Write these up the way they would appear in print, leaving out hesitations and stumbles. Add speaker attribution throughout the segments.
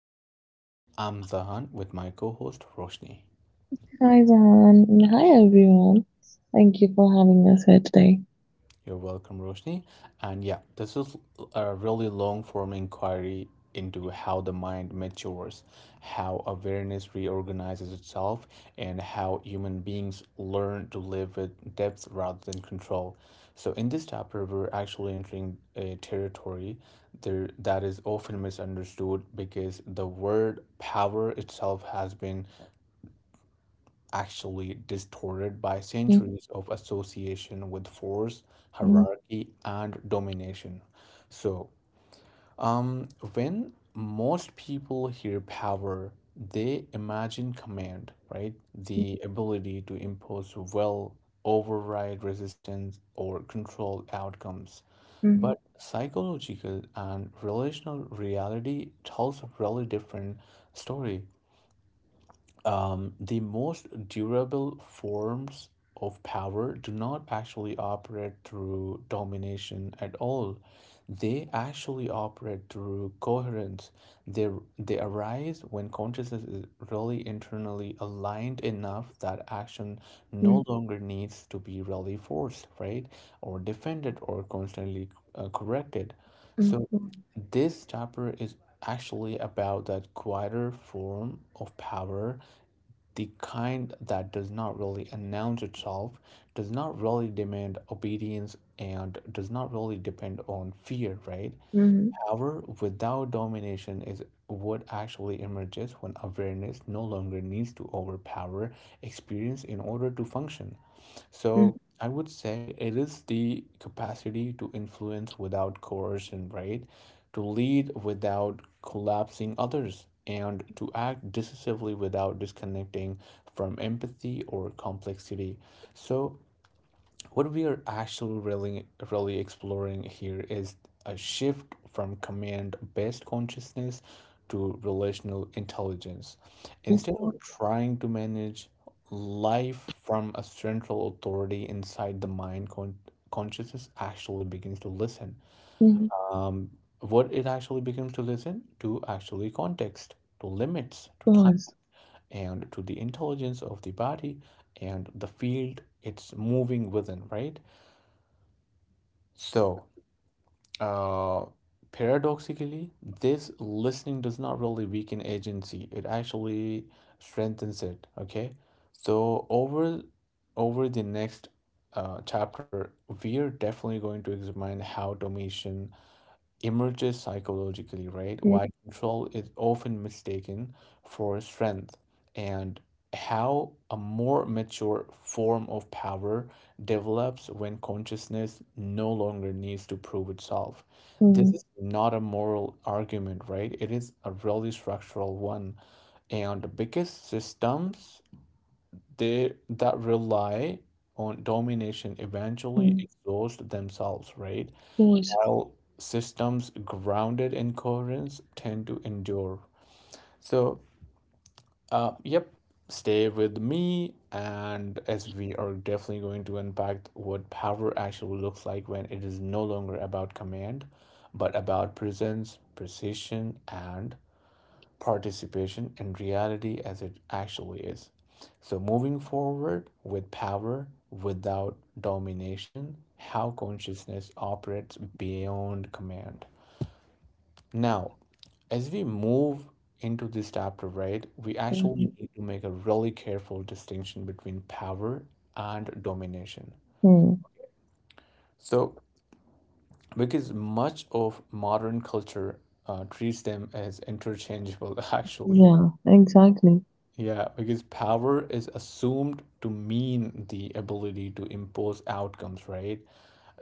Speaker 1: Consciousness. I'm Zahan with my co host Roshni.
Speaker 2: Hi, Zahan. Hi, everyone. Thank you for having us here today.
Speaker 1: You're welcome, Roshni. And yeah, this is a really long form inquiry into how the mind matures, how awareness reorganizes itself, and how human beings learn to live with depth rather than control. So, in this chapter, we're actually entering a territory there that is often misunderstood because the word power itself has been actually distorted by
Speaker 2: Mhm,
Speaker 1: centuries of association with force,
Speaker 2: mhm,
Speaker 1: hierarchy, and domination. So, when most people hear power, they imagine command, right? The ability to impose will, override resistance, or control outcomes. But psychological and relational reality tells a really different story. The most durable forms of power do not actually operate through domination at all. They actually operate through coherence. They, they arise when consciousness is really internally aligned enough that action no
Speaker 2: mhm,
Speaker 1: longer needs to be really forced, right? Or defended or constantly corrected. So,
Speaker 2: mhm,
Speaker 1: this chapter is actually about that quieter form of power, the kind that does not really announce itself, does not really demand obedience, and does not really depend on fear, right?
Speaker 2: mhm,
Speaker 1: Power without domination is what actually emerges when awareness no longer needs to overpower experience in order to function.
Speaker 2: mhm,
Speaker 1: So I would say it is the capacity to influence without coercion, right? To lead without collapsing others, and to act decisively without disconnecting from empathy or complexity. So what we are actually really exploring here is a shift from command based consciousness to relational intelligence,
Speaker 2: mhm,
Speaker 1: instead of
Speaker 2: mhm,
Speaker 1: trying to manage life from a central authority inside the mind. Consciousness actually begins to listen.
Speaker 2: mhm.
Speaker 1: um, what it actually begins to listen to, actually context, to limits, to time,
Speaker 2: Pause.
Speaker 1: and to the intelligence of the body and the field it's moving within, right? So Uh, paradoxically, this listening does not really weaken agency. It actually strengthens it. Okay, so over the next chapter, we are definitely going to examine how automation emerges psychologically, right?
Speaker 2: Mhm,
Speaker 1: Why control is often mistaken for strength, and how a more mature form of power develops when consciousness no longer needs to prove itself. This
Speaker 2: mhm,
Speaker 1: is not a moral argument, right? It is a really structural one. And because systems they that rely on domination eventually
Speaker 2: mhm.
Speaker 1: exhaust themselves, right?
Speaker 2: Pause.
Speaker 1: While systems grounded in coherence tend to endure. So, yep, stay with me. And as we are definitely going to unpack what power actually looks like when it is no longer about command, but about presence, precision, and participation in reality as it actually is. So, moving forward with power without domination, how consciousness operates beyond command. Now, as we move into this chapter, right, we actually
Speaker 2: Mhm,
Speaker 1: need to make a really careful distinction between power and domination.
Speaker 2: mhm.
Speaker 1: So, because much of modern culture treats them as interchangeable, actually.
Speaker 2: Yeah, exactly.
Speaker 1: Yeah, because power is assumed to mean the ability to impose outcomes, right?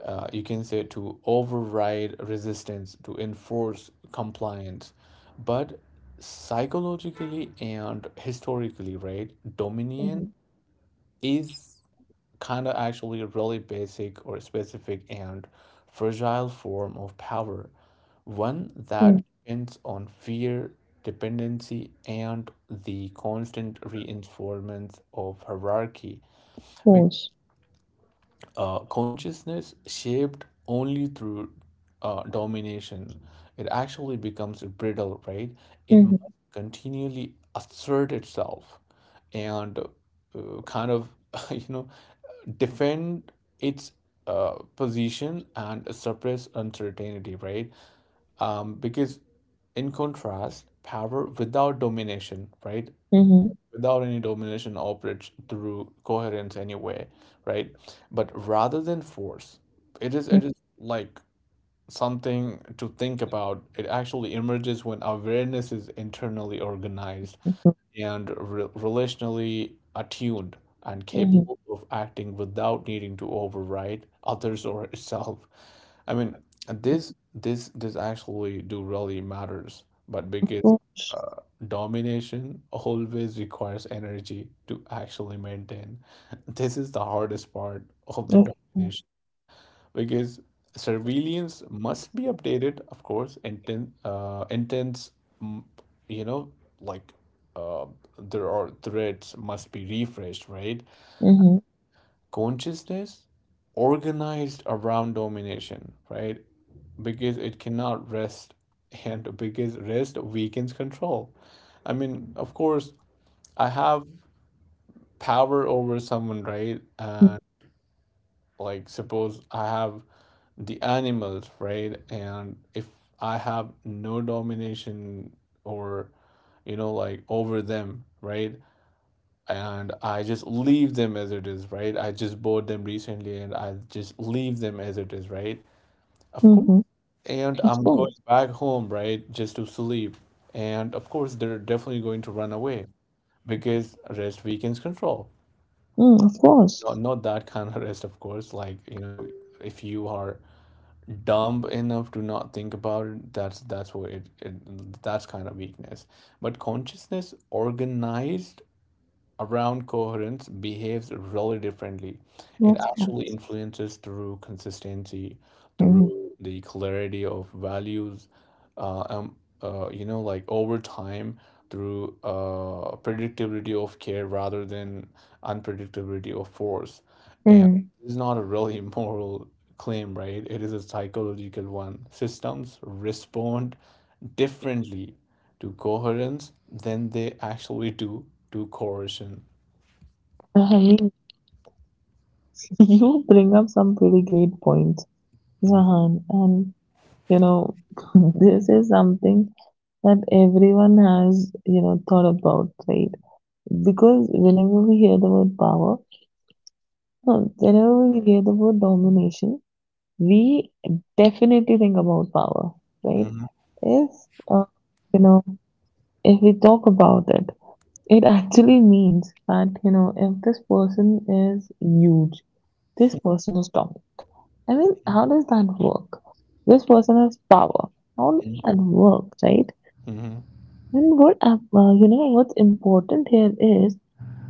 Speaker 1: You can say to override resistance, to enforce compliance. But psychologically and historically, right, dominion
Speaker 2: Mhm,
Speaker 1: is kind of actually a really basic or specific and fragile form of power, one that
Speaker 2: mhm.
Speaker 1: depends on fear, dependency, and the constant reinforcement of hierarchy.
Speaker 2: Pause.
Speaker 1: Consciousness shaped only through domination, it actually becomes brittle, right? It must
Speaker 2: Mhm,
Speaker 1: continually assert itself and kind of, you know, defend its position and suppress uncertainty, right? Because in contrast, power without domination, right?
Speaker 2: mhm,
Speaker 1: Without any domination operates through coherence anyway, right? But rather than force, it is
Speaker 2: mhm,
Speaker 1: it is like something to think about. It actually emerges when awareness is internally organized and re relationally attuned and
Speaker 2: mhm.
Speaker 1: capable of acting without needing to override others or itself. I mean, this actually do really matters, but because
Speaker 2: Pause.
Speaker 1: uh, domination always requires energy to actually maintain. This is the hardest part of the
Speaker 2: Of
Speaker 1: domination because surveillance must be updated, of course, intense, mm, you know, like uh, there are threats must be refreshed, right?
Speaker 2: course.
Speaker 1: Consciousness organized around domination, right? Because it cannot rest, and because rest weakens control. I mean, of course, I have power over someone, right? Like suppose I have the animals, right? And if I have no domination or, you know, like over them, right? And I just leave them as it is, right? I just bought them recently and I just leave them as it is, right? Of
Speaker 2: Mhm,
Speaker 1: course.
Speaker 2: mhm, mhm.
Speaker 1: And
Speaker 2: Of
Speaker 1: I'm going
Speaker 2: course.
Speaker 1: back home, right, just to sleep, and of course they're definitely going to run away because rest weakens control.
Speaker 2: Mm. Of course.
Speaker 1: Not, not that kind of rest, of course, like, you know, if you are dumb enough to not think about it, that's what it that's kind of weakness. But consciousness organized around coherence behaves really differently. It
Speaker 2: Of
Speaker 1: actually
Speaker 2: course.
Speaker 1: influences through consistency,
Speaker 2: Mhm,
Speaker 1: through the clarity of values, uh, um, you know, like over time, through predictability of care rather than unpredictability of force.
Speaker 2: mhm.
Speaker 1: It's not a really moral claim, right? It is a psychological one. Systems respond differently to coherence than they actually do to coercion.
Speaker 2: I mean, you bring up some pretty great points, Zahan, you know, this is something that everyone has, thought about, right? Because whenever we hear the word power, no, whenever we hear the word domination, we definitely think about power, right?
Speaker 1: Mm-hmm.
Speaker 2: If, uh, you know, If we talk about it, it actually means that, if this person is huge, this person is dominant. I mean, how does that work? This person has power. How does that work, right?
Speaker 1: Mm-hmm.
Speaker 2: And what's important here is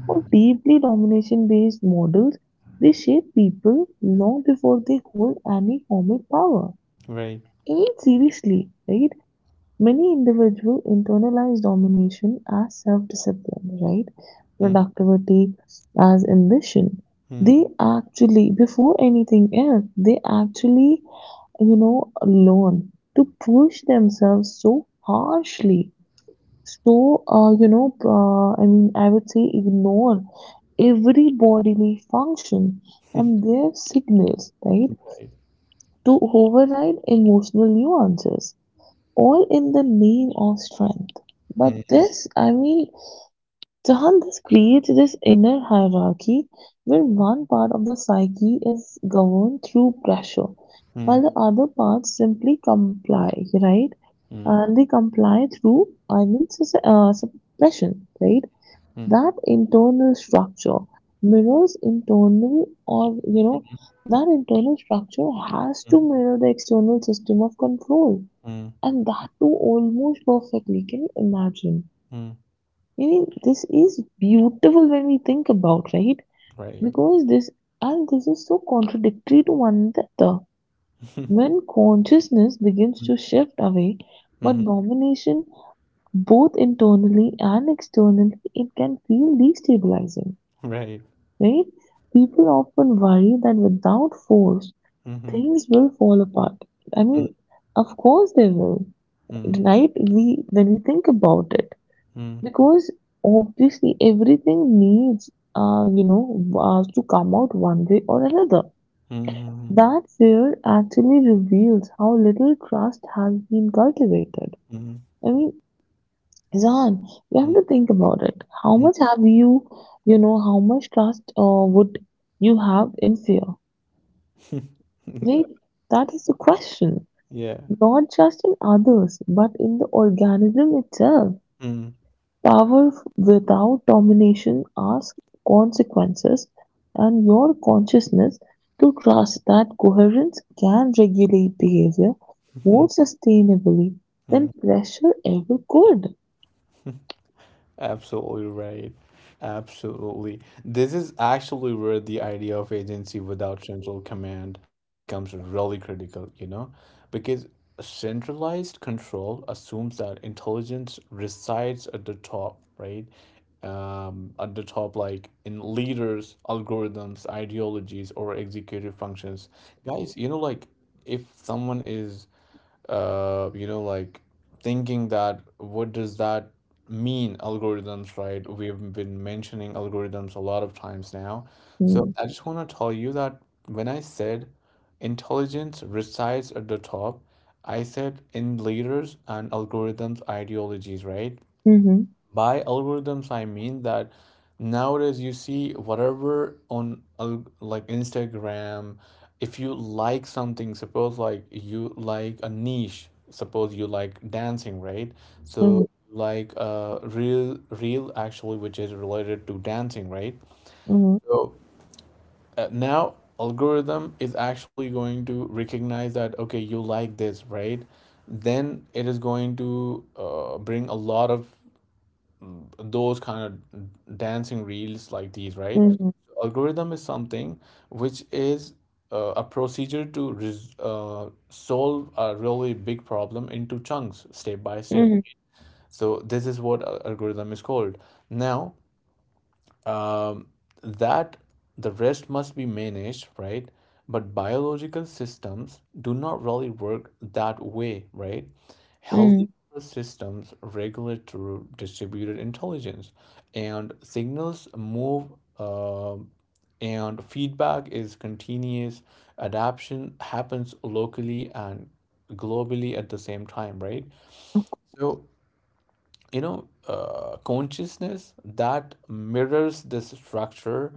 Speaker 2: how deeply domination-based models they shape people long before they hold any formal power.
Speaker 1: Right.
Speaker 2: I mean, seriously, right? Many individuals internalize domination as self-discipline, right? Productivity as ambition.
Speaker 1: Mm-hmm.
Speaker 2: They actually, before anything else, they actually, you know, learn to push themselves so harshly. So, I mean, I would say ignore every bodily function and their signals, right?
Speaker 1: Right.
Speaker 2: To override emotional nuances all in the name of strength. But
Speaker 1: Mm-hmm.
Speaker 2: this, I mean, Jahan, this creates this inner hierarchy where one part of the psyche is governed through pressure, while the other parts simply comply, right?
Speaker 1: Mm-hmm.
Speaker 2: And they comply through, I mean, suppression, right? That internal structure mirrors internal, that internal structure has to mirror the external system of control,
Speaker 1: Mm-hmm.
Speaker 2: and that too almost perfectly. Can you imagine?
Speaker 1: Mm-hmm.
Speaker 2: I mean, this is beautiful when we think about, right?
Speaker 1: Right.
Speaker 2: Because this, and this is so contradictory to one another. When consciousness begins to shift away, but
Speaker 1: Mm-hmm.
Speaker 2: domination both internally and externally, it can feel destabilizing,
Speaker 1: Right.
Speaker 2: right? People often worry that without force,
Speaker 1: Mm-hmm.
Speaker 2: things will fall apart. I mean, of course they will,
Speaker 1: Mm-hmm.
Speaker 2: right? We when we think about it.
Speaker 1: Mm-hmm.
Speaker 2: Because obviously everything needs, to come out one way or another.
Speaker 1: Mm-hmm.
Speaker 2: That fear actually reveals how little trust has been cultivated. I mean, Zan, you have to think about it. How much have you, how much trust would you have in fear?
Speaker 1: Mm-hmm.
Speaker 2: Right? That is the question.
Speaker 1: Yeah.
Speaker 2: Not just in others, but in the organism itself.
Speaker 1: Mm.
Speaker 2: Power without domination asks consequences, and your consciousness to trust that coherence can regulate behavior more sustainably than
Speaker 1: Mhm.
Speaker 2: pressure ever could.
Speaker 1: Absolutely right. Absolutely. This is actually where the idea of agency without central command becomes really critical, you know, because centralized control assumes that intelligence resides at the top, right? At the top, like in leaders, algorithms, ideologies, or executive functions. Guys, you know, like if someone is you know, like thinking that what does that mean, algorithms, right? We've been mentioning algorithms a lot of times now. So
Speaker 2: Mm,
Speaker 1: I just want to tell you that when I said intelligence resides at the top, I said in leaders and algorithms ideologies, right?
Speaker 2: mhm,
Speaker 1: By algorithms, I mean that nowadays you see whatever on like Instagram, if you like something, suppose like you like a niche, suppose you like dancing, right?
Speaker 2: mm,
Speaker 1: So like real actually, which is related to dancing, right?
Speaker 2: mhm,
Speaker 1: So now algorithm is actually going to recognize that okay, you like this, right? Then it is going to bring a lot of those kind of dancing reels like these, right?
Speaker 2: mhm,
Speaker 1: Algorithm is something which is a procedure to res solve a really big problem into chunks, step by step.
Speaker 2: mhm,
Speaker 1: So this is what algorithm is called. Now, um, that the rest must be managed, right? But biological systems do not really work that way, right?
Speaker 2: mhm,
Speaker 1: Healthy systems regulate through distributed intelligence, and signals move, uh, and feedback is continuous. Adaptation happens locally and globally at the same time, right? So you know consciousness that mirrors this structure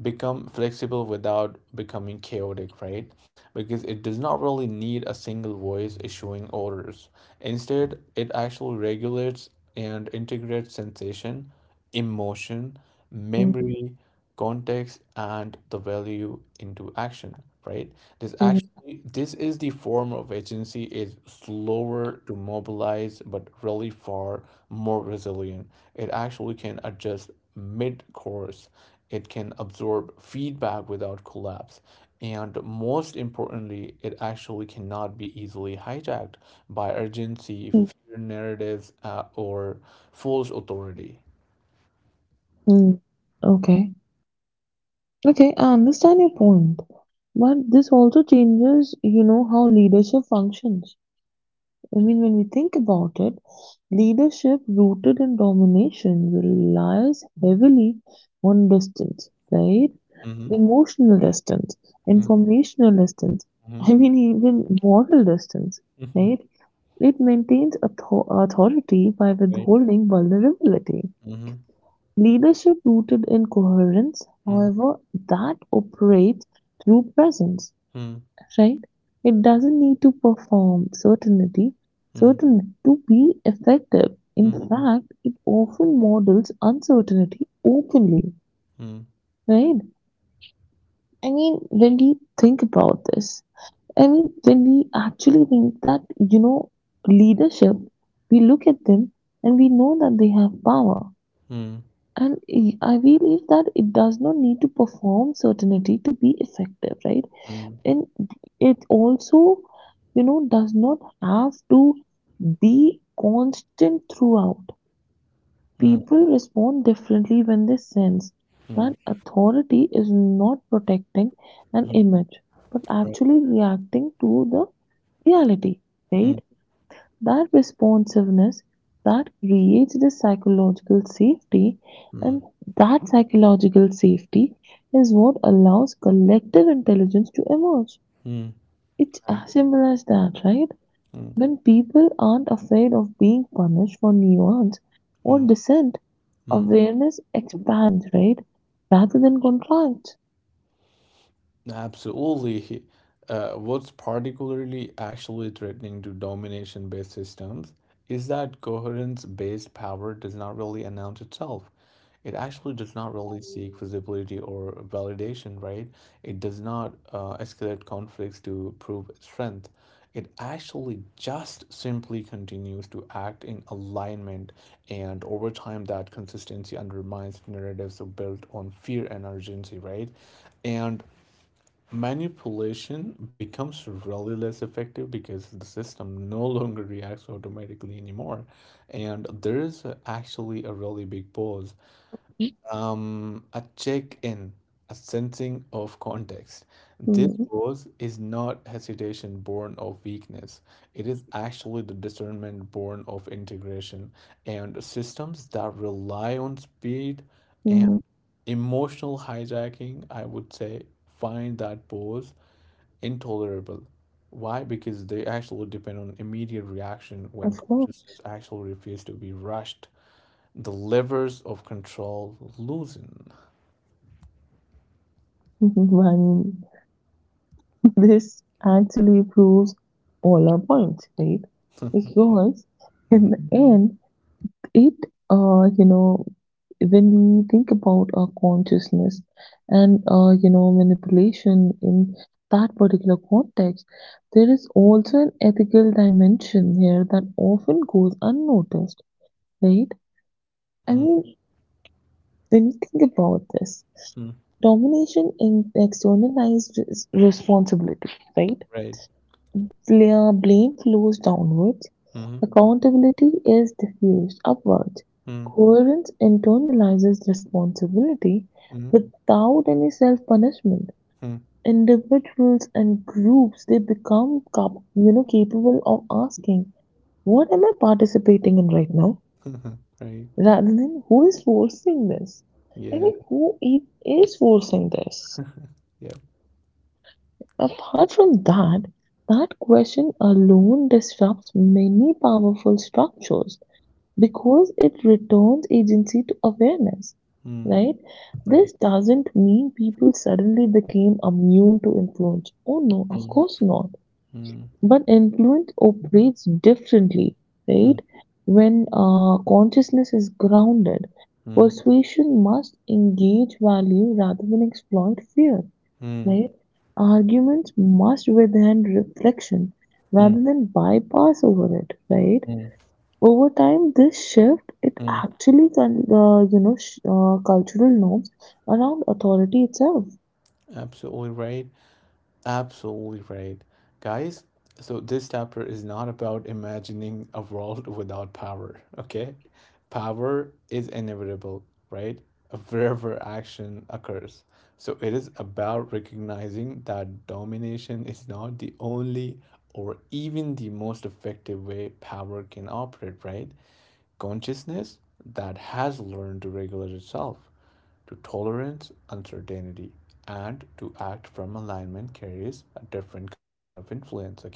Speaker 1: become flexible without becoming chaotic, right? Because it does not really need a single voice issuing orders. Instead it actually regulates and integrates sensation, emotion,
Speaker 2: mhm,
Speaker 1: memory, context, and the value into action, right?
Speaker 2: mhm,
Speaker 1: This is the form of agency is slower to mobilize but really far more resilient. It actually can adjust mid course. It can absorb feedback without collapse. And most importantly, it actually cannot be easily hijacked by urgency,
Speaker 2: mhm,
Speaker 1: fear narratives, or false authority.
Speaker 2: mhm. Okay. Okay, I understand your point. But this also changes, you know, how leadership functions. I mean, when we think about it, leadership rooted in domination relies heavily on distance, right?
Speaker 1: Mm-hmm.
Speaker 2: Emotional distance, informational distance, I mean, even moral distance,
Speaker 1: Mm-hmm.
Speaker 2: right? It maintains authority by withholding vulnerability.
Speaker 1: Mhm.
Speaker 2: Leadership rooted in coherence,
Speaker 1: Mhm.
Speaker 2: however, that operates through presence,
Speaker 1: Hmm.
Speaker 2: right? It doesn't need to perform certainty,
Speaker 1: Hmm.
Speaker 2: to be effective. In
Speaker 1: Mhm.
Speaker 2: fact, it often models uncertainty openly,
Speaker 1: Hmm.
Speaker 2: right? I mean, when we think about this, I mean, when we actually think that, leadership, we look at them and we know that they have power.
Speaker 1: Hmm.
Speaker 2: And I believe that it does not need to perform certainty to be effective, right?
Speaker 1: Hmm.
Speaker 2: Then it also, does not have to be constant throughout.
Speaker 1: Hmm.
Speaker 2: People respond differently when they sense
Speaker 1: Hmm.
Speaker 2: that authority is not protecting an
Speaker 1: Mhm.
Speaker 2: image, but
Speaker 1: Right.
Speaker 2: actually reacting to the reality,
Speaker 1: Hmm.
Speaker 2: right? That responsiveness that creates the psychological safety,
Speaker 1: Hmm.
Speaker 2: and that psychological safety is what allows collective intelligence to emerge.
Speaker 1: Mm.
Speaker 2: It's
Speaker 1: Right.
Speaker 2: as simple as that, right?
Speaker 1: Mm.
Speaker 2: When people aren't afraid of being punished for nuance or
Speaker 1: Mm.
Speaker 2: dissent,
Speaker 1: Mm.
Speaker 2: awareness expands, right? Rather than contracts.
Speaker 1: Absolutely. What's particularly actually threatening to domination based systems is that coherence based power does not really announce itself. It actually does not really seek visibility or validation, right? It does not escalate conflicts to prove its strength. It actually just simply continues to act in alignment, and over time, that consistency undermines narratives built on fear and urgency, right? And manipulation becomes really less effective because the system no longer reacts automatically anymore. And there is actually a really big pause, a check in, a sensing of context. This
Speaker 2: Mm-hmm.
Speaker 1: pause is not hesitation born of weakness, it is actually the discernment born of integration. And systems that rely on speed and
Speaker 2: Mm-hmm.
Speaker 1: emotional hijacking, I would say, find that pause intolerable. Why? Because they actually depend on immediate reaction when
Speaker 2: Of course.
Speaker 1: consciousness actually refuses to be rushed. The levers of control loosen.
Speaker 2: I mean, this actually proves all our points, right?
Speaker 1: Yeah.
Speaker 2: Because
Speaker 1: Mhm.
Speaker 2: in the, mhm, end, it you know when we think about our consciousness and manipulation in that particular context, there is also an ethical dimension here that often goes unnoticed, right? I
Speaker 1: Mhm.
Speaker 2: mean, when you think about this,
Speaker 1: Mhm.
Speaker 2: domination in externalized responsibility, right?
Speaker 1: Right.
Speaker 2: Blame flows downwards.
Speaker 1: Mhm.
Speaker 2: Accountability is diffused upwards;
Speaker 1: Mhm.
Speaker 2: coherence internalizes responsibility
Speaker 1: Mhm.
Speaker 2: without any self-punishment.
Speaker 1: Mhm.
Speaker 2: Individuals and groups, they become capable of asking, "What am I participating in right now?"
Speaker 1: Right.
Speaker 2: rather than "Who is forcing this?" I
Speaker 1: Yeah.
Speaker 2: mean, who is forcing this?
Speaker 1: Yeah.
Speaker 2: Apart from that, that question alone disrupts many powerful structures because it returns agency to awareness,
Speaker 1: Mm.
Speaker 2: right?
Speaker 1: Right.
Speaker 2: This doesn't mean people suddenly became immune to influence. Oh no, of
Speaker 1: Mm.
Speaker 2: course not.
Speaker 1: Mm.
Speaker 2: But influence operates differently, right?
Speaker 1: Mm.
Speaker 2: When consciousness is grounded,
Speaker 1: Mm.
Speaker 2: persuasion must engage value rather than exploit fear,
Speaker 1: Mm.
Speaker 2: right? Arguments must withstand reflection
Speaker 1: Mm.
Speaker 2: rather than bypass over it, right?
Speaker 1: Mm.
Speaker 2: Over time, this shift it
Speaker 1: Mm.
Speaker 2: actually cultural norms around authority itself.
Speaker 1: Absolutely right. Absolutely right. Guys, so this chapter is not about imagining a world without power, okay? Power is inevitable, right? Wherever action occurs. So it is about recognizing that domination is not the only or even the most effective way power can operate, right? Consciousness that has learned to regulate itself, to tolerance uncertainty, and to act from alignment carries a different kind of influence, okay?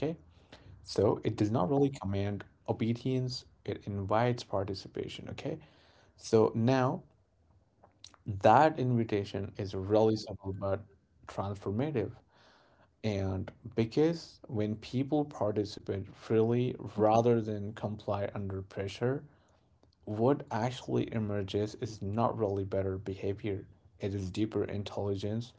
Speaker 1: So it does not really command obedience, it invites participation, okay? So now that invitation is really simple but transformative. And because when people participate freely rather than comply under pressure, what actually emerges is not really better behavior, it is deeper intelligence.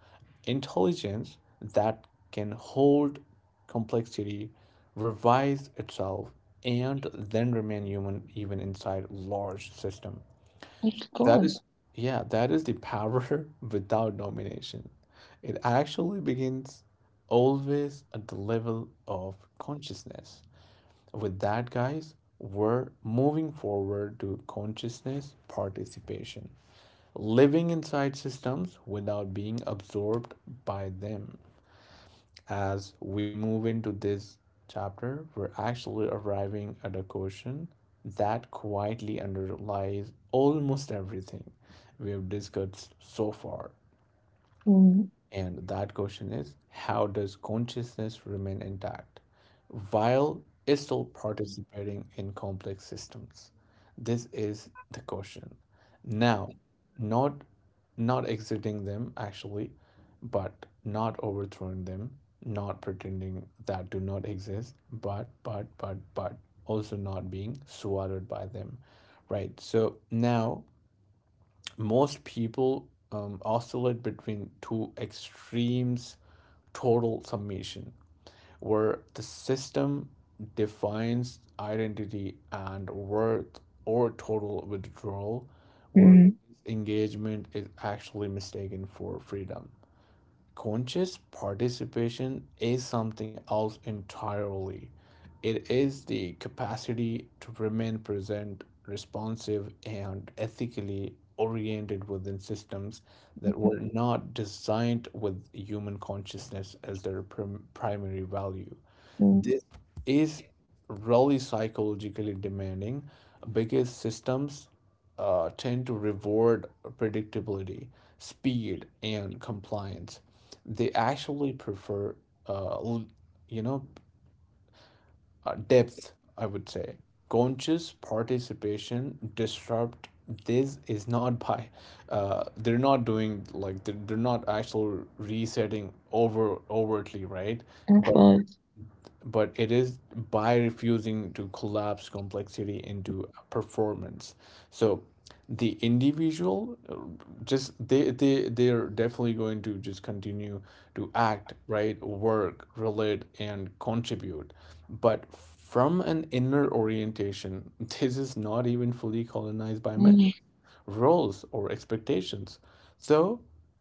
Speaker 1: Intelligence that can hold complexity, revise itself, and then remain human even inside large system.
Speaker 2: Of
Speaker 1: That
Speaker 2: course.
Speaker 1: is, yeah, that is the power without domination. It actually begins always at the level of consciousness. With that, guys, we're moving forward to consciousness participation, living inside systems without being absorbed by them. As we move into this chapter, we're actually arriving at a question that quietly underlies almost everything we have discussed so far.
Speaker 2: Mm,
Speaker 1: And that question is how does consciousness remain intact while is still participating in complex systems? This is the question. Now, not not exiting them actually, but not overthrowing them, not pretending that do not exist, but also not being swallowed by them. Right. So now most people oscillate between two extremes total submission, where the system defines identity and worth, or total withdrawal, where
Speaker 2: mm,
Speaker 1: engagement is actually mistaken for freedom conscious participation is something else entirely. It is the capacity to remain present, responsive, and ethically oriented within systems that were not designed with human consciousness as their primary value.
Speaker 2: mm.
Speaker 1: This is really psychologically demanding because systems tend to reward predictability, speed, and compliance. They actually prefer, uh, l- you know, depth, I would say. Conscious participation disrupt this is not by they're not doing like they're not actual resetting overtly right.
Speaker 2: Of
Speaker 1: But
Speaker 2: course.
Speaker 1: but it is by refusing to collapse complexity into a performance. So the individual just they're definitely going to just continue to act, right, work, relate, and contribute. But from an inner orientation, this is not even fully colonized by
Speaker 2: Mm.
Speaker 1: metrics roles or expectations. So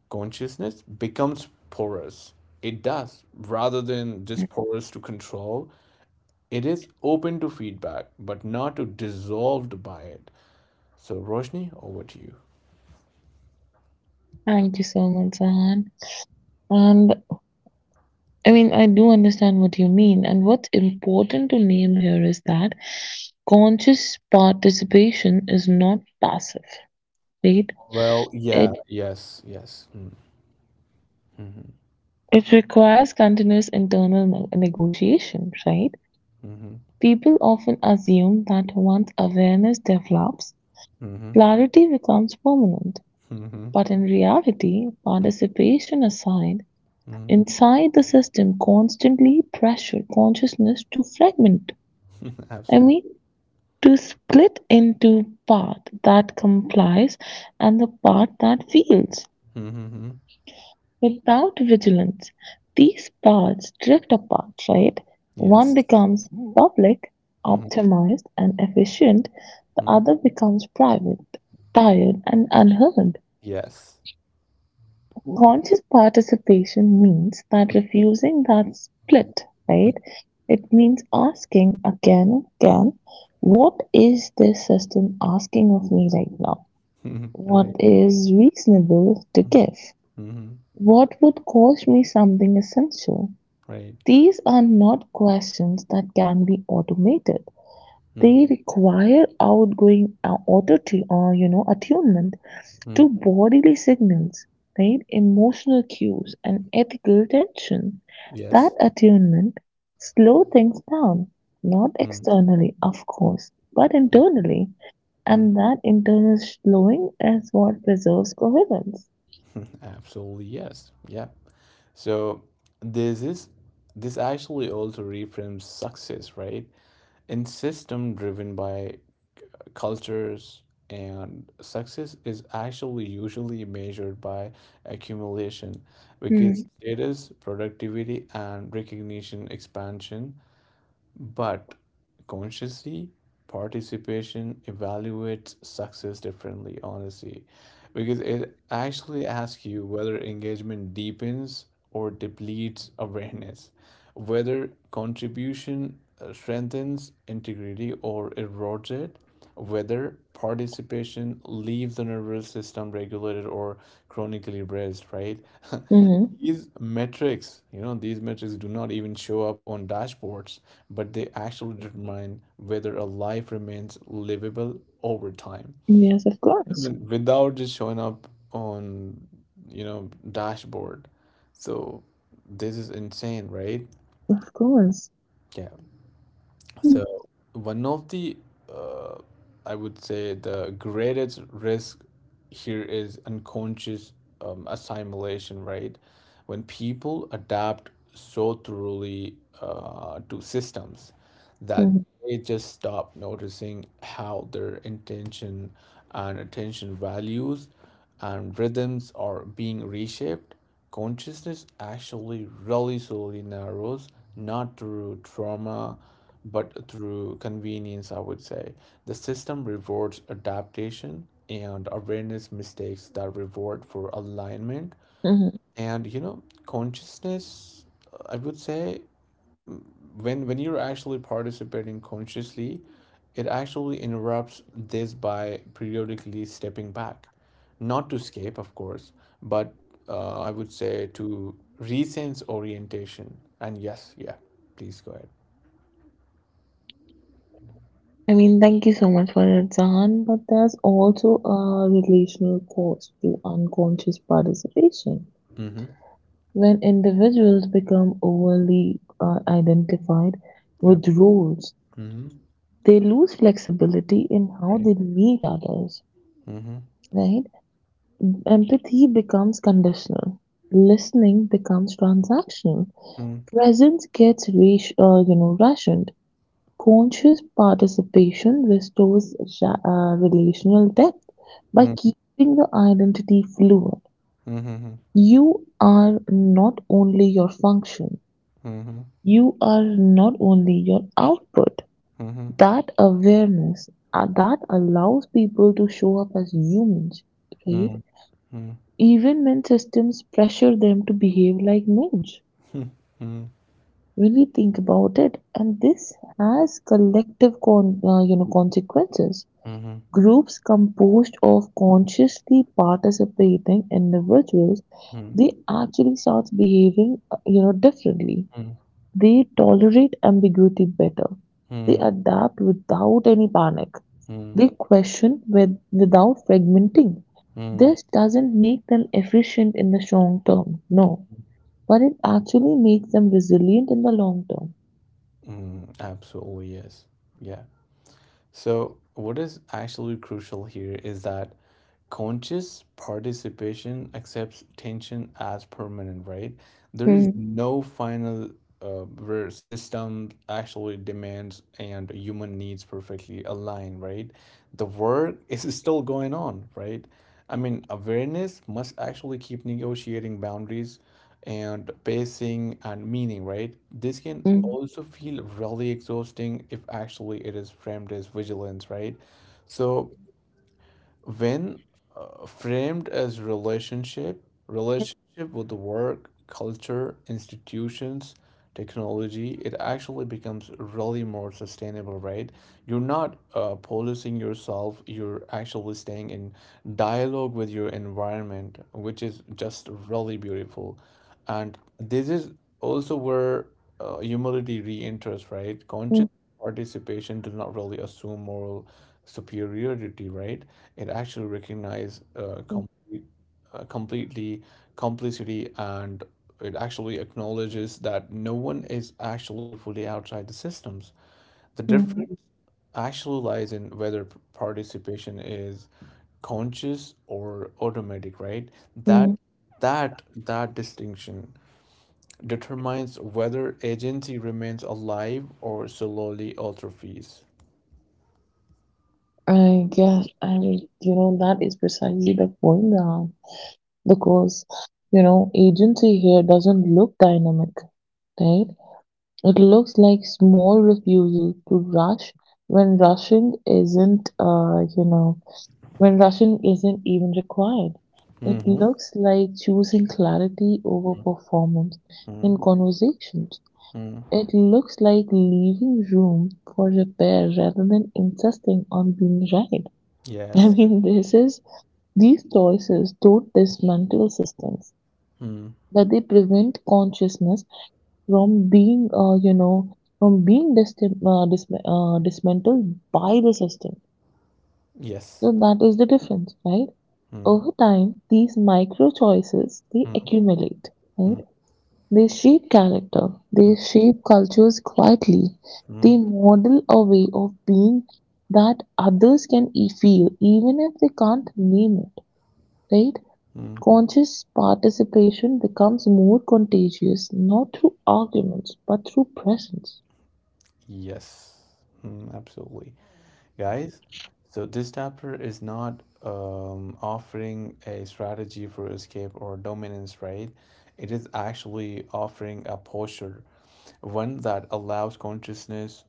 Speaker 1: consciousness becomes porous. It does, rather than just porous to control. It is open to feedback, but not to dissolved by it. So Roshni, over to you.
Speaker 2: Thank you so much, Sahan. And I mean, I do understand what you mean. And what's important to name here is that conscious participation is not passive, right?
Speaker 1: Well, yeah,
Speaker 2: It
Speaker 1: yes, yes. Mm, mhm,
Speaker 2: it requires continuous internal negotiation, right?
Speaker 1: mhm,
Speaker 2: People often assume that once awareness develops,
Speaker 1: mhm,
Speaker 2: clarity becomes permanent,
Speaker 1: mhm,
Speaker 2: but in reality, participation aside,
Speaker 1: mhm,
Speaker 2: inside the system constantly pressures consciousness to fragment.
Speaker 1: mhm.
Speaker 2: I
Speaker 1: Absolutely.
Speaker 2: mean, to split into part that complies and the part that feels.
Speaker 1: Mm-hmm.
Speaker 2: Without vigilance, these paths drift apart, right? One
Speaker 1: Yes.
Speaker 2: becomes public, optimized, and efficient, the
Speaker 1: Mm-hmm.
Speaker 2: other becomes private, tired, and unheard.
Speaker 1: Yes.
Speaker 2: Conscious participation means that refusing that split, right? It means asking again and again, what is this system asking of me right now?
Speaker 1: Mhm.
Speaker 2: What
Speaker 1: Right.
Speaker 2: is reasonable to give?
Speaker 1: Mm-hmm.
Speaker 2: What would cost me something essential?
Speaker 1: Right.
Speaker 2: These are not questions that can be automated.
Speaker 1: Mm-hmm.
Speaker 2: They require outgoing auto or you know attunement to bodily signals, right? Emotional cues and ethical tension. That
Speaker 1: Yes.
Speaker 2: attunement slow things down, not
Speaker 1: Mm,
Speaker 2: externally, of course, but
Speaker 1: mm,
Speaker 2: internally,
Speaker 1: mm.
Speaker 2: and that internal slowing is what preserves coherence.
Speaker 1: Absolutely yes. Yeah. So this is this actually also reframes success, right? In system driven by cultures and success is actually usually measured by accumulation because status, productivity and recognition expansion. But consciously, participation evaluates success differently, honestly, because it actually asks you whether engagement deepens or depletes awareness, whether contribution strengthens integrity or erodes it, whether participation leaves the nervous system regulated or chronically braced, right?
Speaker 2: Mm-hmm.
Speaker 1: These metrics, you know, these metrics do not even show up on dashboards, but they actually determine whether a life remains livable over time.
Speaker 2: Yes, of
Speaker 1: I
Speaker 2: course,
Speaker 1: mean, without just showing up on, you know, dashboard. So this is insane, right?
Speaker 2: of course.
Speaker 1: Yeah. So one of the uh, I would say the greatest risk here is unconscious assimilation, right? When people adapt so thoroughly to systems that
Speaker 2: Mm-hmm.
Speaker 1: they just stop noticing how their intention and attention values and rhythms are being reshaped, consciousness actually really slowly narrows, not through trauma, but through convenience, I would say. The system rewards adaptation and awareness mistakes that reward for alignment.
Speaker 2: Mm-hmm.
Speaker 1: And you know, consciousness, I would say, when you're actually participating consciously it actually interrupts this by periodically stepping back, not to escape of course, but I would say to resense orientation. And yes, yeah, please go ahead.
Speaker 2: I mean, thank you so much for it, Zahan, but there's also a relational cost to unconscious participation.
Speaker 1: Mm-hmm.
Speaker 2: When individuals become overly identified
Speaker 1: Yep.
Speaker 2: with roles,
Speaker 1: Mm-hmm.
Speaker 2: they lose flexibility in how
Speaker 1: Right.
Speaker 2: they meet others,
Speaker 1: Mm-hmm.
Speaker 2: right? Empathy becomes conditional. Listening becomes transactional.
Speaker 1: Mm-hmm.
Speaker 2: Presence gets, rationed. Conscious participation restores relational depth by keeping the identity fluid:
Speaker 1: Mm-hmm.
Speaker 2: you are not only your function,
Speaker 1: Mm-hmm.
Speaker 2: you are not only your output.
Speaker 1: Mm-hmm.
Speaker 2: That awareness that allows people to show up as humans, right?
Speaker 1: Mm-hmm. Mm-hmm.
Speaker 2: Even when systems pressure them to behave like nodes. When we think about it, and this has collective consequences.
Speaker 1: Mm-hmm.
Speaker 2: Groups composed of consciously participating individuals, they actually start behaving, differently.
Speaker 1: Mm-hmm.
Speaker 2: They tolerate ambiguity better. They adapt without any panic.
Speaker 1: Mm-hmm.
Speaker 2: They question with, without fragmenting. This doesn't make them efficient in the short term, no, but it actually makes them resilient in the long term.
Speaker 1: Mm-hmm. Absolutely yes. Yeah. So, what is actually crucial here is that conscious participation accepts tension as permanent, right? There is
Speaker 2: Mm,
Speaker 1: no final uh, where system actually demands and human needs perfectly align, right? The work is still going on, right? I mean, awareness must actually keep negotiating boundaries and pacing and meaning, right? This can
Speaker 2: mm,
Speaker 1: also feel really exhausting if actually it is framed as vigilance, right? So, when framed as relationship with the work culture institutions technology, it actually becomes really more sustainable, right? You're not policing yourself, you're actually staying in dialogue with your environment, which is just really beautiful. And this is also where humility re-enters, right? Conscious
Speaker 2: mm,
Speaker 1: participation does not really assume moral superiority, right? It actually recognizes
Speaker 2: mm,
Speaker 1: completely complicity and it actually acknowledges that no one is actually fully outside the systems. The
Speaker 2: mm,
Speaker 1: difference actually lies in whether participation is conscious or automatic, right? That
Speaker 2: mm.
Speaker 1: that distinction determines whether agency remains alive or slowly atrophies.
Speaker 2: I guess, I mean, that is precisely the point, because, agency here doesn't look dynamic, right? It looks like small refusal to rush when rushing isn't, when rushing isn't even required. It
Speaker 1: Mm-hmm.
Speaker 2: looks like choosing clarity over performance
Speaker 1: Mm,
Speaker 2: in conversations.
Speaker 1: mm,
Speaker 2: It looks like leaving room for repair rather than insisting on being right. I
Speaker 1: yes.
Speaker 2: mean, this is, these choices don't dismantle systems,
Speaker 1: Mm,
Speaker 2: but they prevent consciousness from being, you know, from being dis- dis- dismantled by the system.
Speaker 1: yes.
Speaker 2: So that is the difference, right?
Speaker 1: Mm,
Speaker 2: Over time, these micro choices they
Speaker 1: mm,
Speaker 2: accumulate, right?
Speaker 1: mm,
Speaker 2: They shape character,
Speaker 1: mm,
Speaker 2: they shape cultures quietly,
Speaker 1: mm,
Speaker 2: they model a way of being that others can feel, even if they can't name it, right?
Speaker 1: mm,
Speaker 2: Conscious participation becomes more contagious not through arguments but through presence.
Speaker 1: yes. Mm, absolutely. Guys, so this chapter is not offering a strategy for escape or dominance, right? It is actually offering a posture, one that allows consciousness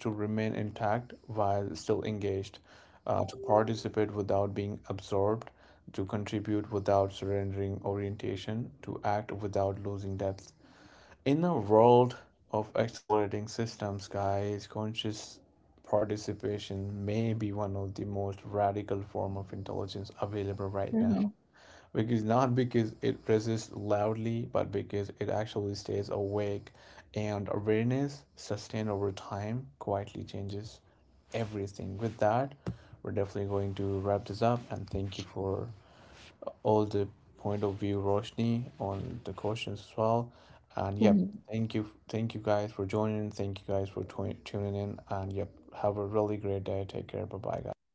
Speaker 1: to remain intact while still engaged, to participate without being absorbed, to contribute without surrendering orientation, to act without losing depth. In a world of accelerating systems, guys, conscious participation may be one of the most radical form of intelligence available right now,
Speaker 2: Mhm.
Speaker 1: because not because it resists loudly, but because it actually stays awake and awareness sustained over time quietly changes everything. With that, we're definitely going to wrap this up and thank you for all the point of view, Roshni, on the questions as well. And yep,
Speaker 2: Mhm.
Speaker 1: thank you, guys for joining. Thank you guys for tuning in. And yep, have a really great day. Take care. Bye bye, guys.